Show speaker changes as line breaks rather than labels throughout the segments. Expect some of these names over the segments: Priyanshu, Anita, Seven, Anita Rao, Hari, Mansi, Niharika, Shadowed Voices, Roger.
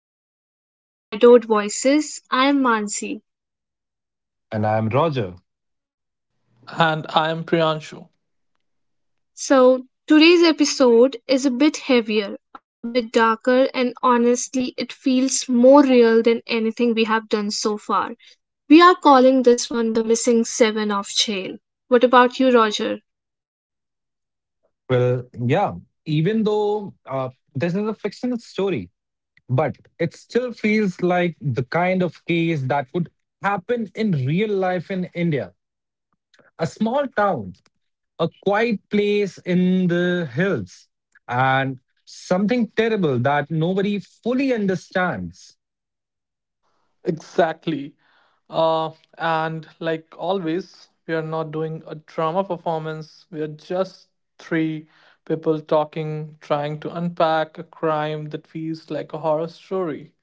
welcome back to Shadowed Voices. I'm Mansi.
And I'm Roger.
And I am Priyanshu.
So, today's episode is a bit heavier, a bit darker, and honestly, it feels more real than anything we have done so far. We are calling this one the Missing Seven of Jail. What about you, Roger?
Well, yeah, even though this is a fictional story, but it still feels like the kind of case that would happen in real life in India. A small town, a quiet place in the hills, and something terrible that nobody fully understands.
Exactly. Uh, and like always, we are not doing a drama performance. We are just three people talking, trying to unpack a crime that feels like a horror story.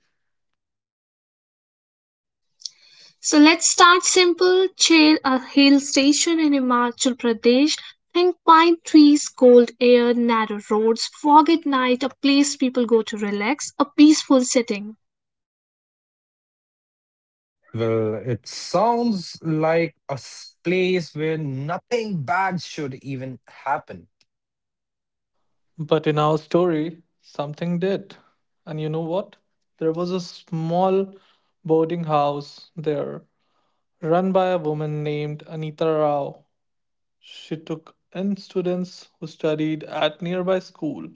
So let's start simple. Chair a hill station in Himachal Pradesh. Think pine trees, cold air, narrow roads, fog at night, a place people go to relax, a peaceful setting.
Well, it sounds like a place where nothing bad should even happen.
But in our story, something did. And you know what? There was a small boarding house there, run by a woman named Anita Rao. She took in students who studied at nearby school.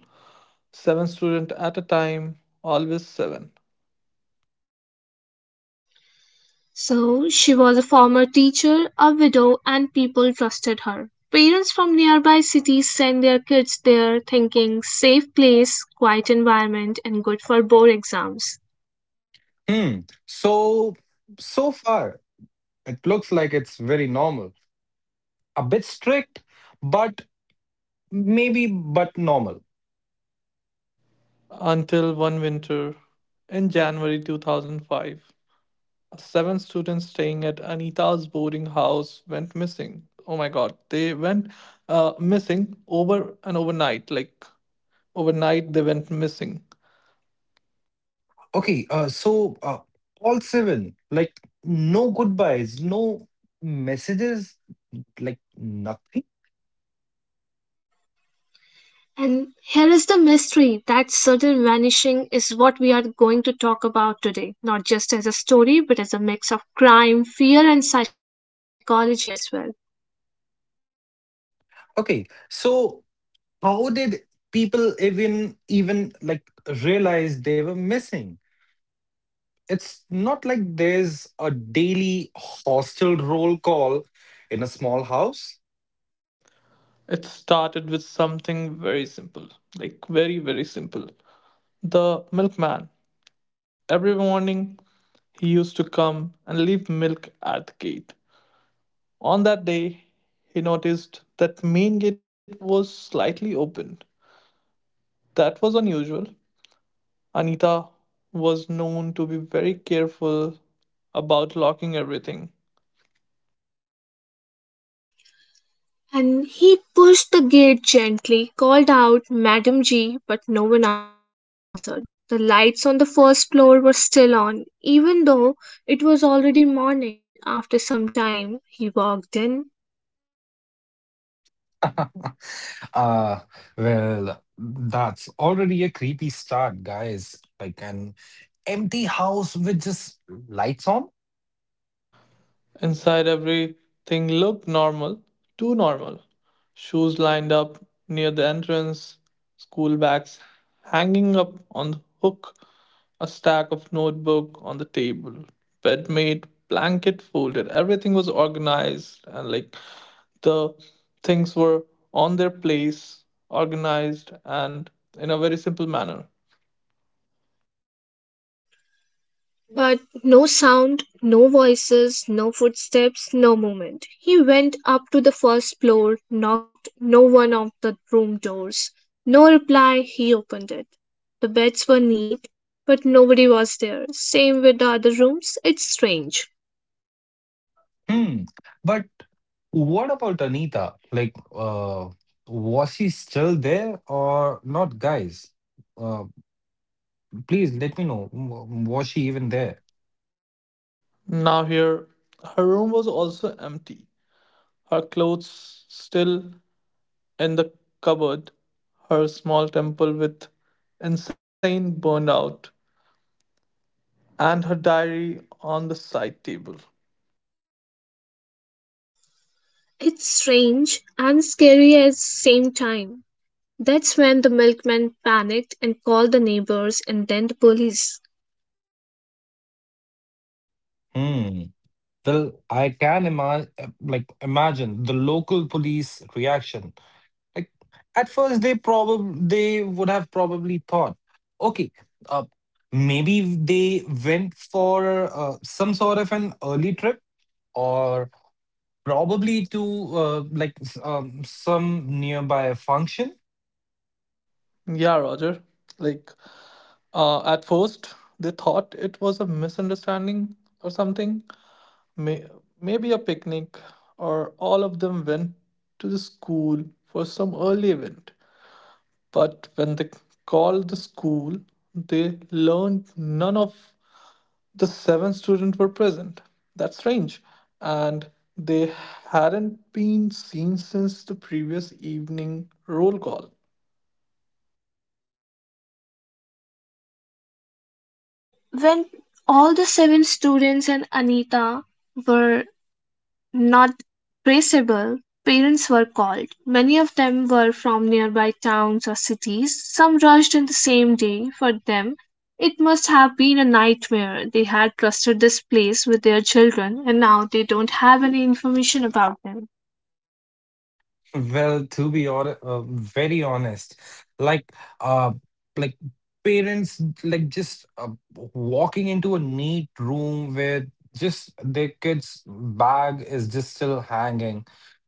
Seven students at a time, always seven.
So she was a former teacher, a widow, and people trusted her. Parents from nearby cities send their kids there thinking safe place, quiet environment, and good for board exams.
Hmm. So so far, it looks like it's very normal. A bit strict, but maybe but normal.
Until one winter in January 2005, seven students staying at Anita's boarding house went missing. Oh my god, they went missing over and overnight. Like, overnight, they went missing.
Okay, so all seven, like, no goodbyes, no messages, like, nothing.
And here is the mystery that sudden vanishing is what we are going to talk about today, not just as a story, but as a mix of crime, fear, and psychology as well.
Okay, so how did people even realize they were missing? It's not like there's a daily hostel roll call in a small house.
It started with something very simple, like, very, very simple. The milkman. Every morning, he used to come and leave milk at the gate. On that day, he noticed that main gate was slightly open. That was unusual. Anita was known to be very careful about locking everything.
And he pushed the gate gently, called out, Madam G, but no one answered. The lights on the first floor were still on, even though it was already morning. After some time, he walked in.
uh well, that's already a creepy start, guys, like an empty house with just lights on.
Inside everything looked normal, too normal. Shoes lined up near the entrance, school bags hanging up on the hook, a stack of notebook on the table, bed made, blanket folded. Everything was organized and like the things were on their place, organized, and in a very simple manner.
But no sound, no voices, no footsteps, no movement. He went up to the first floor, knocked no one of the room doors. No reply, he opened it. The beds were neat, but nobody was there. Same with the other rooms. It's strange.
Hmm, but what about Anita? Like, was she still there or not, guys? uh Please let me know, was she even there?
Now, here, her room was also empty, her clothes still in the cupboard, her small temple with insane burned out, and her diary on the side table.
It's strange and scary at the same time. That's when the milkman panicked and called the neighbors and then the police.
Hmm. Well, I can imagine, like, imagine the local police reaction. Like at first, they would have probably thought, okay, uh, maybe they went for some sort of an early trip, or probably to some nearby function.
Yeah, Roger. Like, at first, they thought it was a misunderstanding or something. May, Maybe a picnic, or all of them went to the school for some early event. But when they called the school, they learned none of the seven students were present. That's strange. And they hadn't been seen since the previous evening roll call.
So when all the seven students and Anita were not traceable, parents were called. Many of them were from nearby towns or cities. Some rushed on the same day. For them, it must have been a nightmare. They had trusted this place with their children and now they don't have any information about them.
Well, to be or very honest, like, uh, like parents, like, just walking into a neat room where just their kids' bag is just still hanging.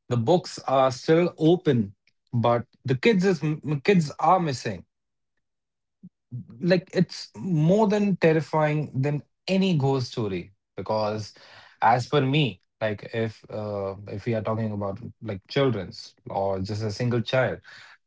The books are still open, but the kids are missing. Like, it's more than terrifying than any ghost story because, as per me, like, if we are talking about like childrens or just a single child,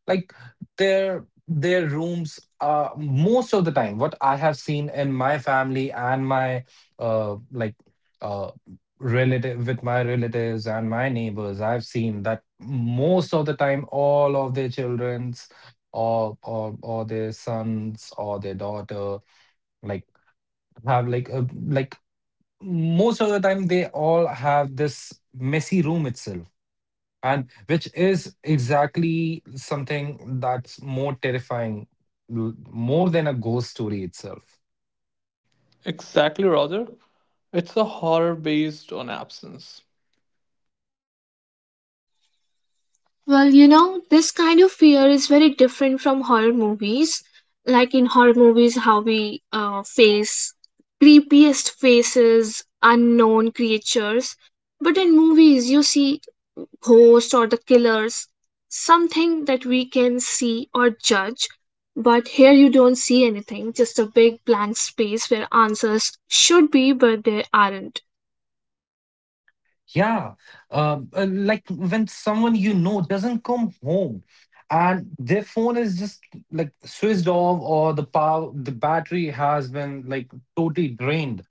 like, their rooms are most of the time, what I have seen in my family and my uh like uh relatives and my neighbors, I've seen that most of the time all of their children's or their sons or their daughter, like, have like a, like, most of the time they all have this messy room itself, and which is exactly something that's more terrifying, more than a ghost story itself.
Exactly, Roger. It's a horror based on absence.
Well, you know, this kind of fear is very different from horror movies. Like in horror movies, how we face creepiest faces, unknown creatures. But in movies, you see ghosts or the killers, something that we can see or judge. But here you don't see anything, just a big blank space where answers should be, but there aren't.
Yeah. Like, when someone you know doesn't come home and their phone is just, like, switched off, or the battery has been, like, totally drained,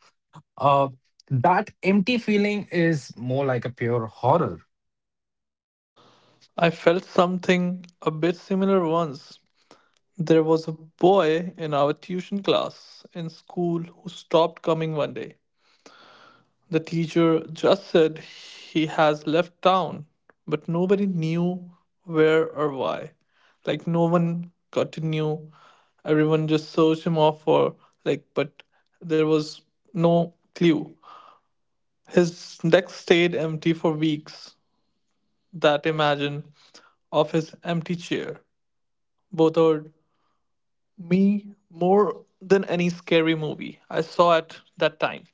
uh that empty feeling is more like a pure horror.
I felt something a bit similar once. There was a boy in our tuition class in school who stopped coming one day. The teacher just said he has left town, but nobody knew where or why. Like, no one got to know. Everyone just searched him off for, like, but there was no clue. His desk stayed empty for weeks. That imagine of his empty chair. Both our me more than any scary movie I saw at that time.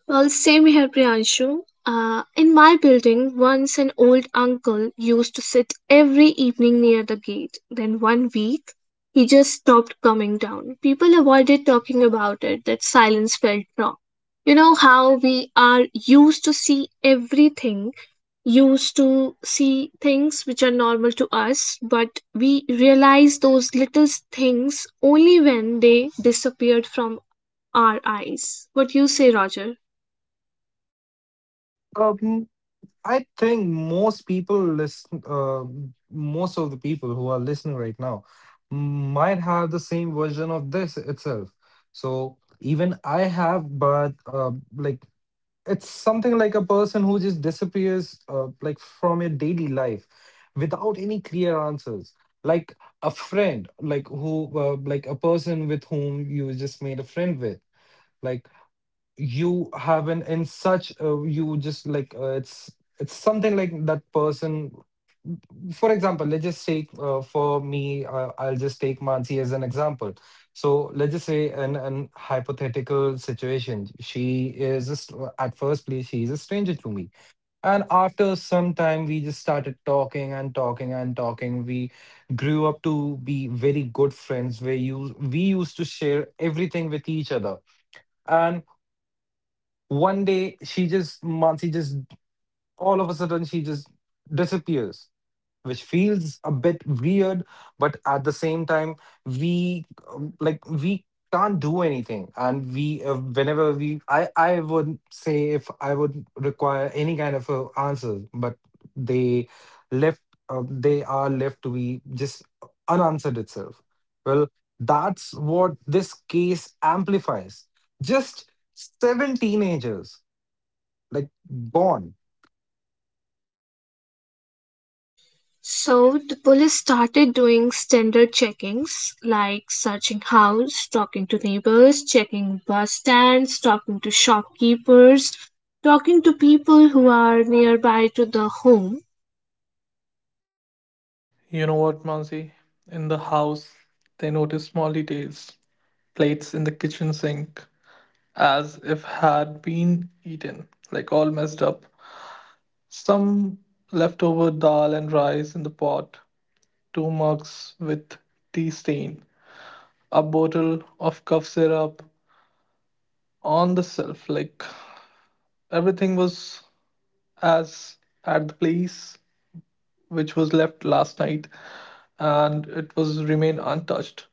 Well, same here, Priyanshu. In my building, once an old uncle used to sit every evening near the gate. Then one week, he just stopped coming down. People avoided talking about it. That silence felt wrong. You know how we are used to see everything, used to see things which are normal to us, but we realize those little things only when they disappeared from our eyes. What you say, Roger?
Um, I think most of the people who are listening right now might have the same version of this itself. So even I have, but like, it's something like a person who just disappears, like, from your daily life, without any clear answers. Like a friend, like who, like a person with whom you just made a friend with. Like, you have been in such a, you just, it's something like that person. For example, let's just take, for me, I'll just take Mansi as an example. So let's just say, in an hypothetical situation, she is just, at first place, she is a stranger to me. And after some time, we just started talking and talking and talking. We grew up to be very good friends, where you we used to share everything with each other, and One day, she just, Mansi just, all of a sudden, she just disappears, which feels a bit weird. But at the same time, we, like, we can't do anything. And whenever I would say, if I would require any kind of a answer, but they left, they are left to be just unanswered itself. Well, that's what this case amplifies. Just seven teenagers, like, born.
So the police started doing standard checkings like searching house, talking to neighbors, checking bus stands, talking to shopkeepers, talking to people who are nearby to the home.
You know what, Mansi? In the house, they noticed small details, plates in the kitchen sink, as if had been eaten, like all messed up. Some leftover dal and rice in the pot, two mugs with tea stain, a bottle of cough syrup on the shelf. Like everything was as at the place which was left last night and it was remain untouched.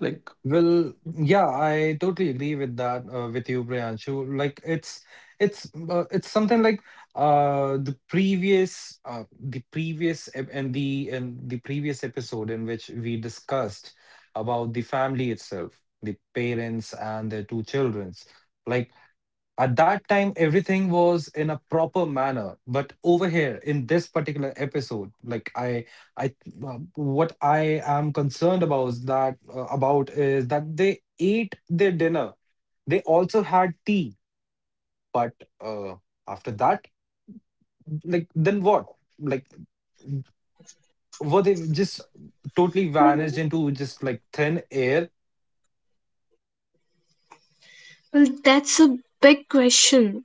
Like,
Well, yeah, I totally agree with that, with you, Priyanshu. Like, it's something like the previous ep- and the previous episode in which we discussed about the family itself, the parents and their two childrens. Like. At that time, everything was in a proper manner, but over here in this particular episode, like, I, what I am concerned about is that about is that they ate their dinner. They also had tea, but uh, after that, like, then what? Like, were they just totally
Well,
vanished into just like thin air?
that's a big question.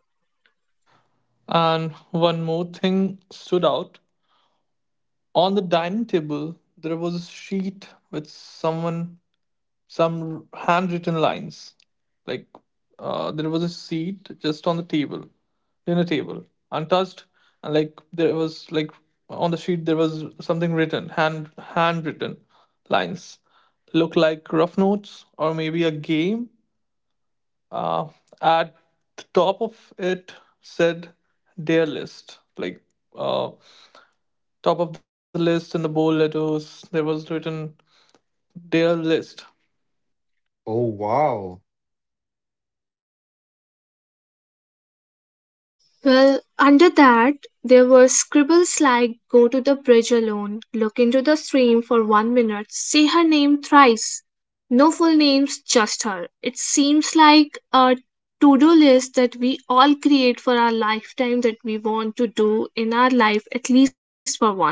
and one more thing stood out. On the dining table there was a sheet with someone some handwritten lines. Like, there was a seat just on the table, dinner table, untouched, and like there was like on the sheet there was something written, handwritten lines. Look like rough notes or maybe a game, uh, at the top of it said their list. Like, uh, top of the list in the bold letters there was written their list.
Oh wow.
Well, under that, there were scribbles like Go to the bridge alone, look into the stream for 1 minute, say her name thrice. No full names, just her. It seems like a to do list that we all create for our lifetime that we want to do in our life at least for once.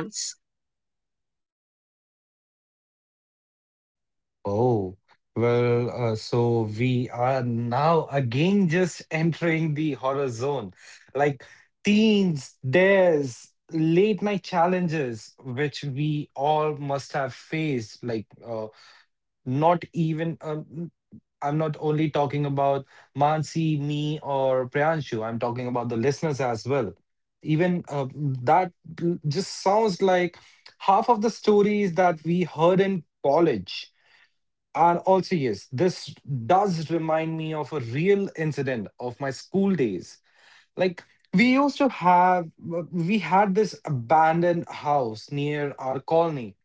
Oh, well, so we are now again just entering the horror zone. Like, teens, dares, late night challenges, which we all must have faced. Like, not even, I'm not only talking about Mansi, me, or Priyanshu, I'm talking about the listeners as well. Even that just sounds like half of the stories that we heard in college. And also, yes, this does remind me of a real incident of my school days. Like, we used to have, we had this abandoned house near our colony.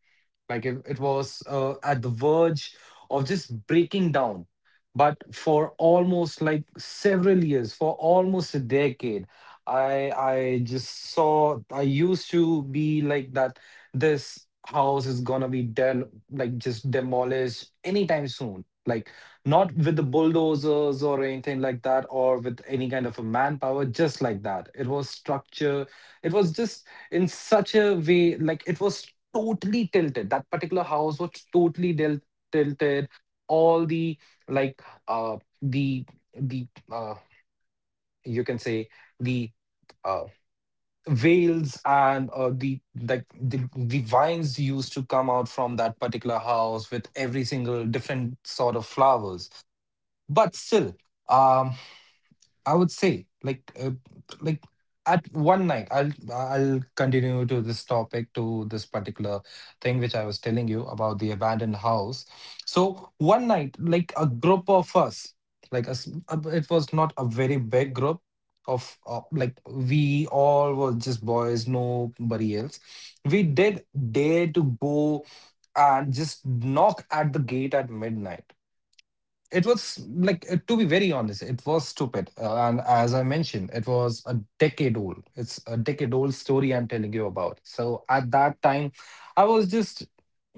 Like, it was at the verge of just breaking down. But for almost, like, several years, for almost a decade, I just saw I used to be like that this house is gonna be del like, just demolished anytime soon. Like, not with the bulldozers or anything like that, or with any kind of a manpower, just like that. It was structure, it was just in such a way, like, it was totally tilted. That particular house was totally tilted. All the, like, uh the the you can say, the uh veils and the, like, the vines used to come out from that particular house with every single different sort of flowers. But still, um I would say, like, like, at one night, I'll continue to this topic, to this particular thing which I was telling you about the abandoned house. So one night, like, a group of us, like us, it was not a very big group of, like, we all were just boys, nobody else. We did dare to go and just knock at the gate at midnight. It was like, to be very honest, it was stupid. And as I mentioned, it was a decade old. It's a decade old story I'm telling you about. So at that time, I was just,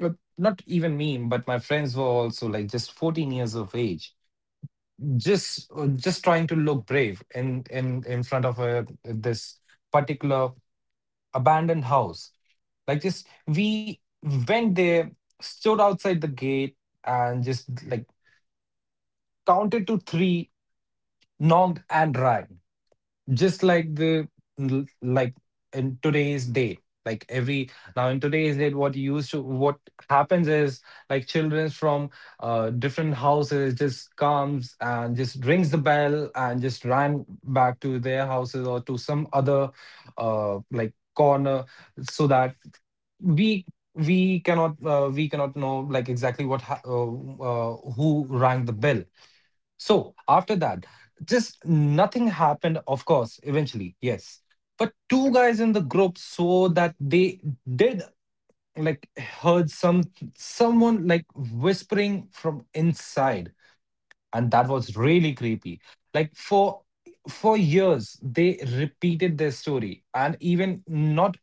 uh, not even me, but my friends were also, like, just 14 years of age, just trying to look brave in front of a this particular abandoned house. Like, just we went there, stood outside the gate, and just, like, counted to three, knocked and dry, just like the, like in today's day, like every now in today's day, what you used to what happens is, like, children from, different houses, just comes and just rings the bell and just ran back to their houses or to some other, like, corner, so that we we cannot we cannot know, like, exactly who rang the bell. So after that, just nothing happened, of course, eventually, yes. But two guys in the group saw that they did, like, heard someone, like, whispering from inside, and that was really creepy. Like, for years they repeated their story, and even not,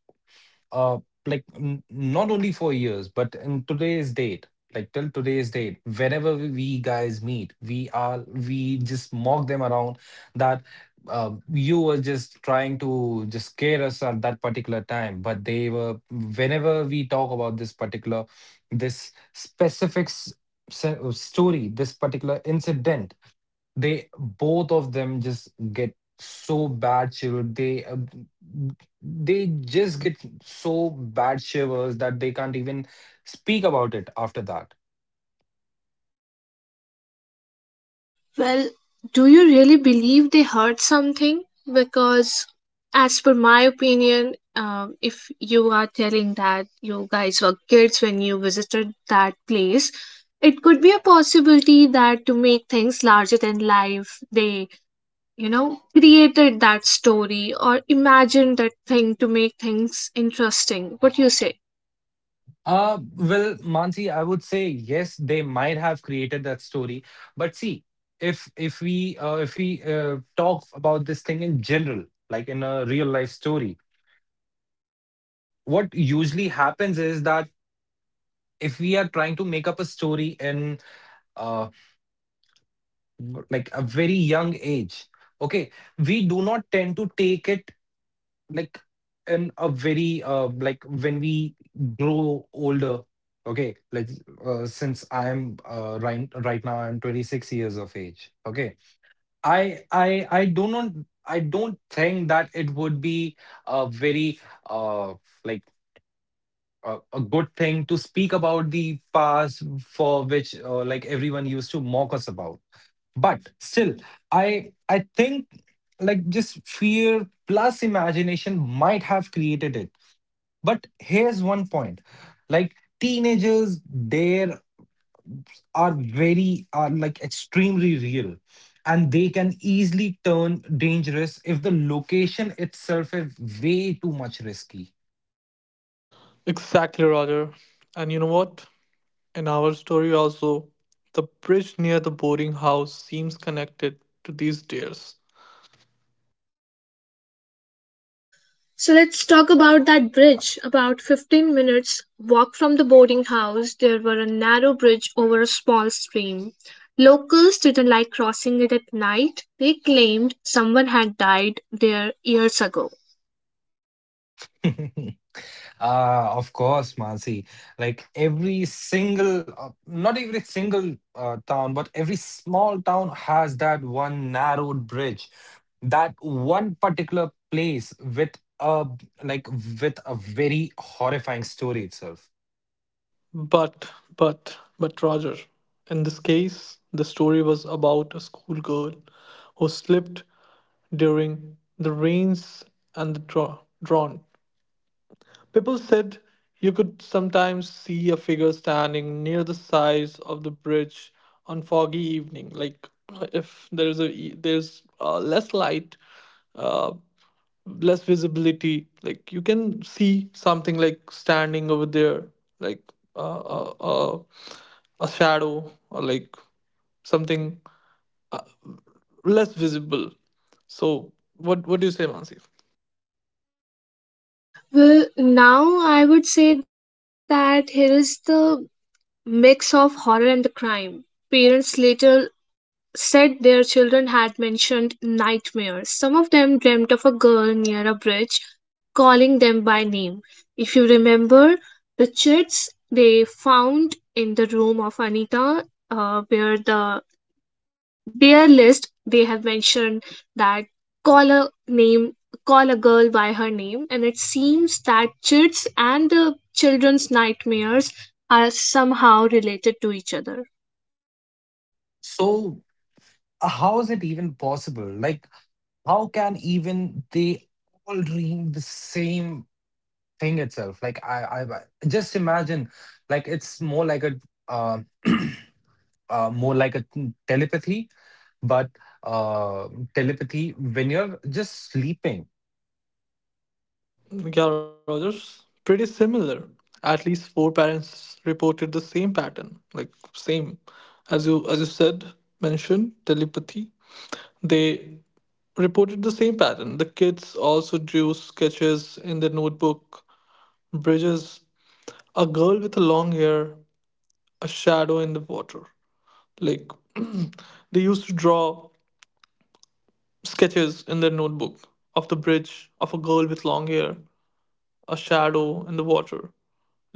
uh not only for years, but in today's date, like, till today's date, whenever we guys meet, we just mock them around that, you were just trying to just scare us at that particular time. But they were, whenever we talk about this particular, this specific, story, this particular incident, they both of them just get so bad shiver, they just get so bad shivers that they can't even speak about it after that.
Well, do you really believe they heard something? Because, as per my opinion, if you are telling that you guys were kids when you visited that place, it could be a possibility that to make things larger than life, they, you know, created that story or imagined that thing to make things interesting. What do you say?
Well, Mansi, I would say yes, they might have created that story. But see, if we, talk about this thing in general, like, in a real life story, what usually happens is that if we are trying to make up a story in, uh, like, a very young age, okay, we do not tend to take it, like, in a very like, when we grow older. Okay, like, since I am, right now I'm 26 years of age. Okay, I do not I don't think that it would be a very, uh like, a good thing to speak about the past for which, like, everyone used to mock us about. But still, I think, like, just fear plus imagination might have created it. But here's one point, like, teenagers there are very, are like, extremely real, and they can easily turn dangerous if the location itself is way too much risky.
Exactly, Roger. And you know what? In our story also, the bridge near the boarding house seems connected to these deers.
So let's talk about that bridge. About 15 minutes' walk from the boarding house, there were a narrow bridge over a small stream. Locals didn't like crossing it at night. They claimed someone had died there years ago.
Of course, Mansi. Like, not every single, town, but every small town has that one narrowed bridge, that one particular place with a, like, with a very horrifying story itself.
But but but Roger, in this case the story was about a schoolgirl who slipped during the rains and the drought. People said you could sometimes see a figure standing near the sides of the bridge on foggy evening. Like if there's there's less light, uh, less visibility. Like you can see something like standing over there, like uh, uh, uh, a shadow or like something, uh, less visible. So what do you say, Mansi?
Well, now I would say that here is the mix of horror and the crime. Parents later said their children had mentioned nightmares. Some of them dreamt of a girl near a bridge calling them by name. If you remember, the chits they found in the room of Anita, where the their list, they have mentioned that call a name, call a girl by her name, and it seems that chits and the children's nightmares are somehow related to each other.
So, how is it even possible? Like, how can even they all dream the same thing itself? Like, I just imagine, like, it's more like a, uh, more like a telepathy, but, uh, telepathy when you're just sleeping,
Yeah, Rogers, pretty similar. At least four parents reported the same pattern, like same, as you said mentioned telepathy. They reported the same pattern. The kids also drew sketches in their notebook. Bridges, a girl with long hair, a shadow in the water. Like they used to draw sketches in their notebook of the bridge of a girl with long hair, a shadow in the water.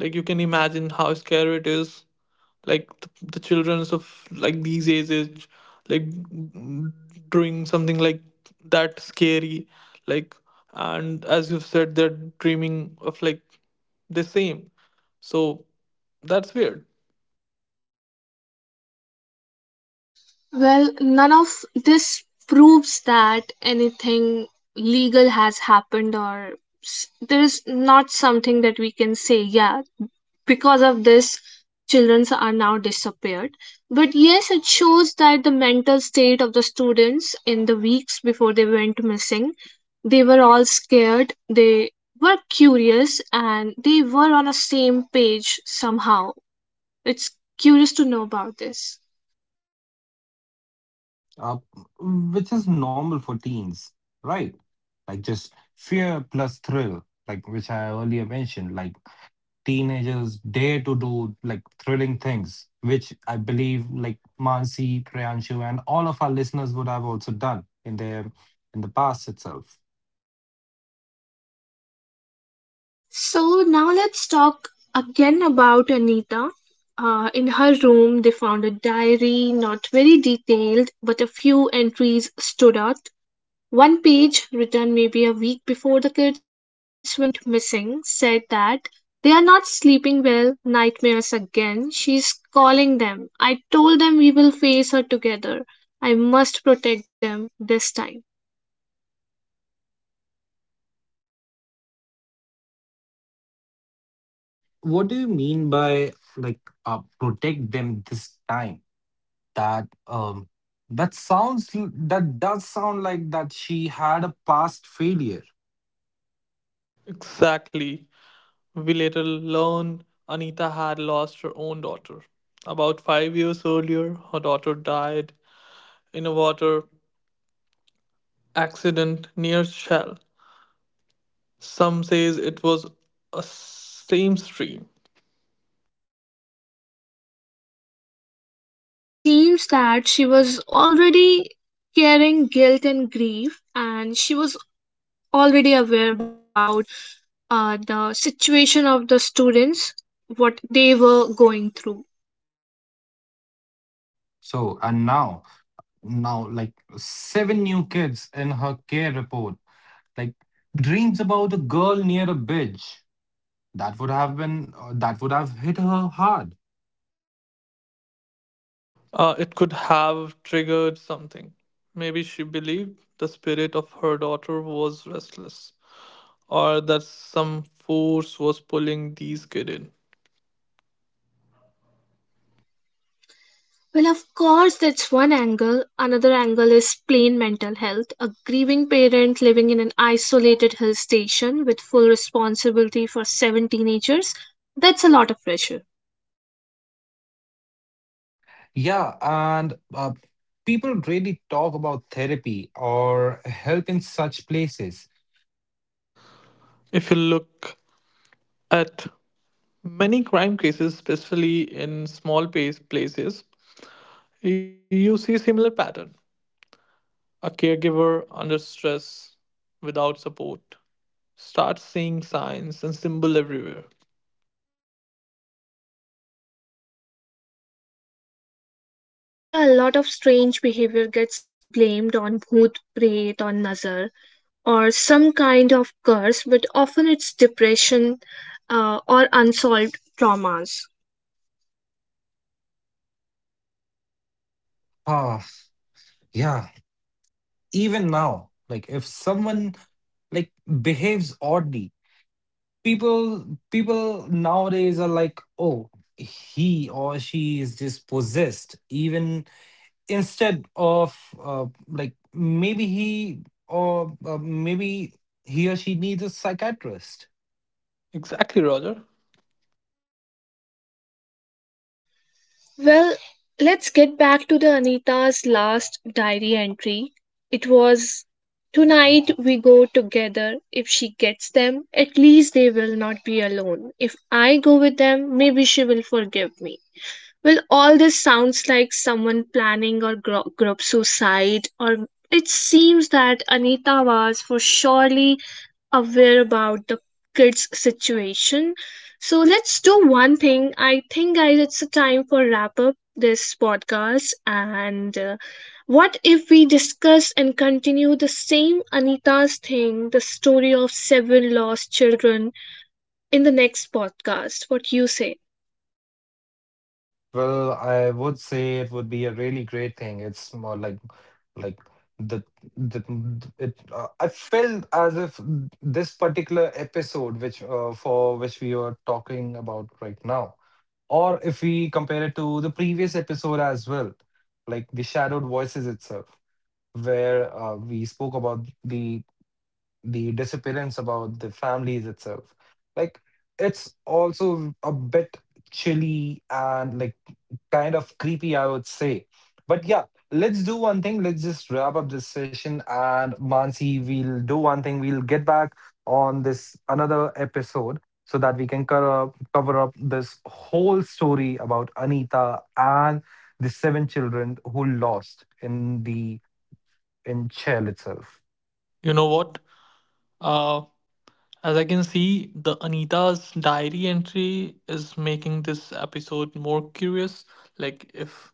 Like you can imagine how scary it is, like the children's of like these ages, like doing something like that scary. Like, and as you've said they're dreaming of like the same, so that's weird.
Well, none of this proves that anything legal has happened, or there is not something that we can say, yeah, because of this children are now disappeared, but yes it shows that the mental state of the students in the weeks before they went missing, they were all scared, they were curious and they were on a same page somehow. It's curious to know about this.
uh, which is normal for teens, right? Like, just fear plus thrill, like, which I earlier mentioned, like, teenagers dare to do, like, thrilling things, which I believe, like, Mansi, Priyanshu, and all of our listeners would have also done in their in the past itself.
So now let's talk again about Anita. In her room they found a diary, not very detailed but a few entries stood out. One page, written maybe a week before the kids went missing, said that they are not sleeping well, nightmares again. She's calling them. I told them we will face her together. I must protect them this time.
What do you mean by, like, protect them this time? That um that sounds that does sound like that she had a past failure.
Exactly. We later learned Anita had lost her own daughter about 5 years earlier. Her daughter died in a water accident near shell. Some says it was a same stream.
So it seems that she was already carrying guilt and grief, and she was already aware about the situation of the students, what they were going through.
So, and now like, seven new kids in her care, report, like, dreams about a girl near a bridge. That would have hit her hard.
It could have triggered something. Maybe she believed the spirit of her daughter was restless, or that some force was pulling these kids in.
Well, of course, that's one angle. Another angle is plain mental health. A grieving parent living in an isolated hill station with full responsibility for seven teenagers, that's a lot of pressure.
Yeah, and people really talk about therapy or help in such places.
If you look at many crime cases, especially in small places, you see similar pattern. A caregiver under stress, without support, starts seeing signs and symbol everywhere.
Well, even in India, a lot of strange behavior gets blamed on bhoot, prayat, on nazar, or some kind of curse, but often it's depression or unsolved traumas.
Ah, yeah, even now, like, if someone, like, behaves oddly, people nowadays are like, oh, he or she is just possessed. Even instead of, like, maybe he or she needs a psychiatrist.
Exactly, Roger.
Well, let's get back to the Anita's last diary entry. It was Tonight we go together. If she gets them, at least they will not be alone. If I go with them, maybe she will forgive me. Well, all this sounds like someone planning or group suicide, or it seems that Anita was for surely aware about the kids' situation. So let's do one thing. I think, guys, it's a time for wrap up this podcast. And what if we discuss and continue the same Anita's thing, the story of seven lost children, in the next podcast? What you say?
Well, I would say it would be a really great thing. It's more like the the- it I felt as if this particular episode which, for which we are talking about right now, or if we compare it to the previous episode as well, like the Shadowed Voices itself, where we spoke about the disappearance about the families itself. Like, it's also a bit chilly and, like, kind of creepy, I would say. But yeah, let's do one thing. Let's just wrap up this session. And Mansi, we'll do one thing. We'll get back on this another episode so that we can cover up this whole story about Anita and the seven children who lost in the in jail itself.
You know what? Uh, as I can see, the Anita's diary entry is making this episode more curious. Like if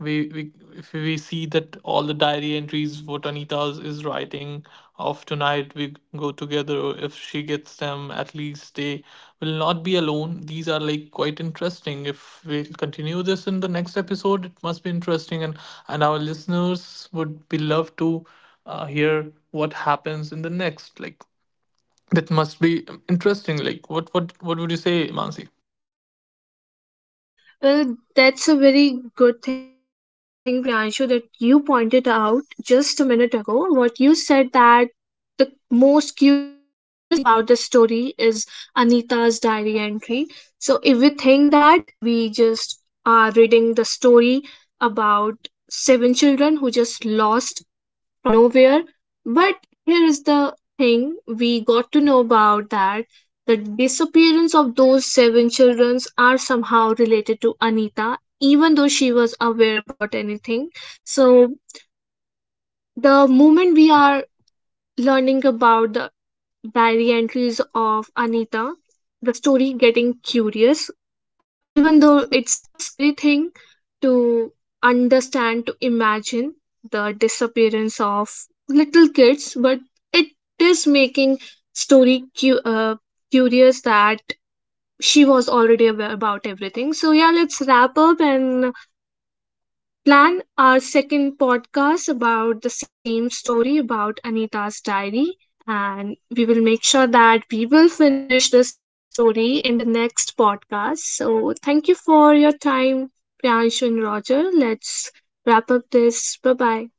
we see that all the diary entries what Anita's is writing of tonight we go together or if she gets them at least they will not be alone. These are like quite interesting. If we continue this in the next episode, it must be interesting and our listeners would be love to hear what happens in the next, like that must be interesting. Like, what would you say, Mansi?
Well, that's a very good thing, Priyanshu, that you pointed out just a minute ago. What you said that the most curious thing about the story is Anita's diary entry. So if we think that we just are reading the story about seven children who just lost from nowhere, but here is the thing we got to know about that the disappearance of those seven children are somehow related to Anita, even though she was aware about anything. So the moment we are learning about the diary entries of Anita, the story getting curious, even though it's a scary thing to understand, to imagine the disappearance of little kids, but it is making story curious that she was already aware about everything. So yeah, let's wrap up and plan our second podcast about the same story about Anita's diary. And we will make sure that we will finish the story in the next podcast. So, thank you for your time, Priyanshu and Roger. Let's wrap up this. Bye bye.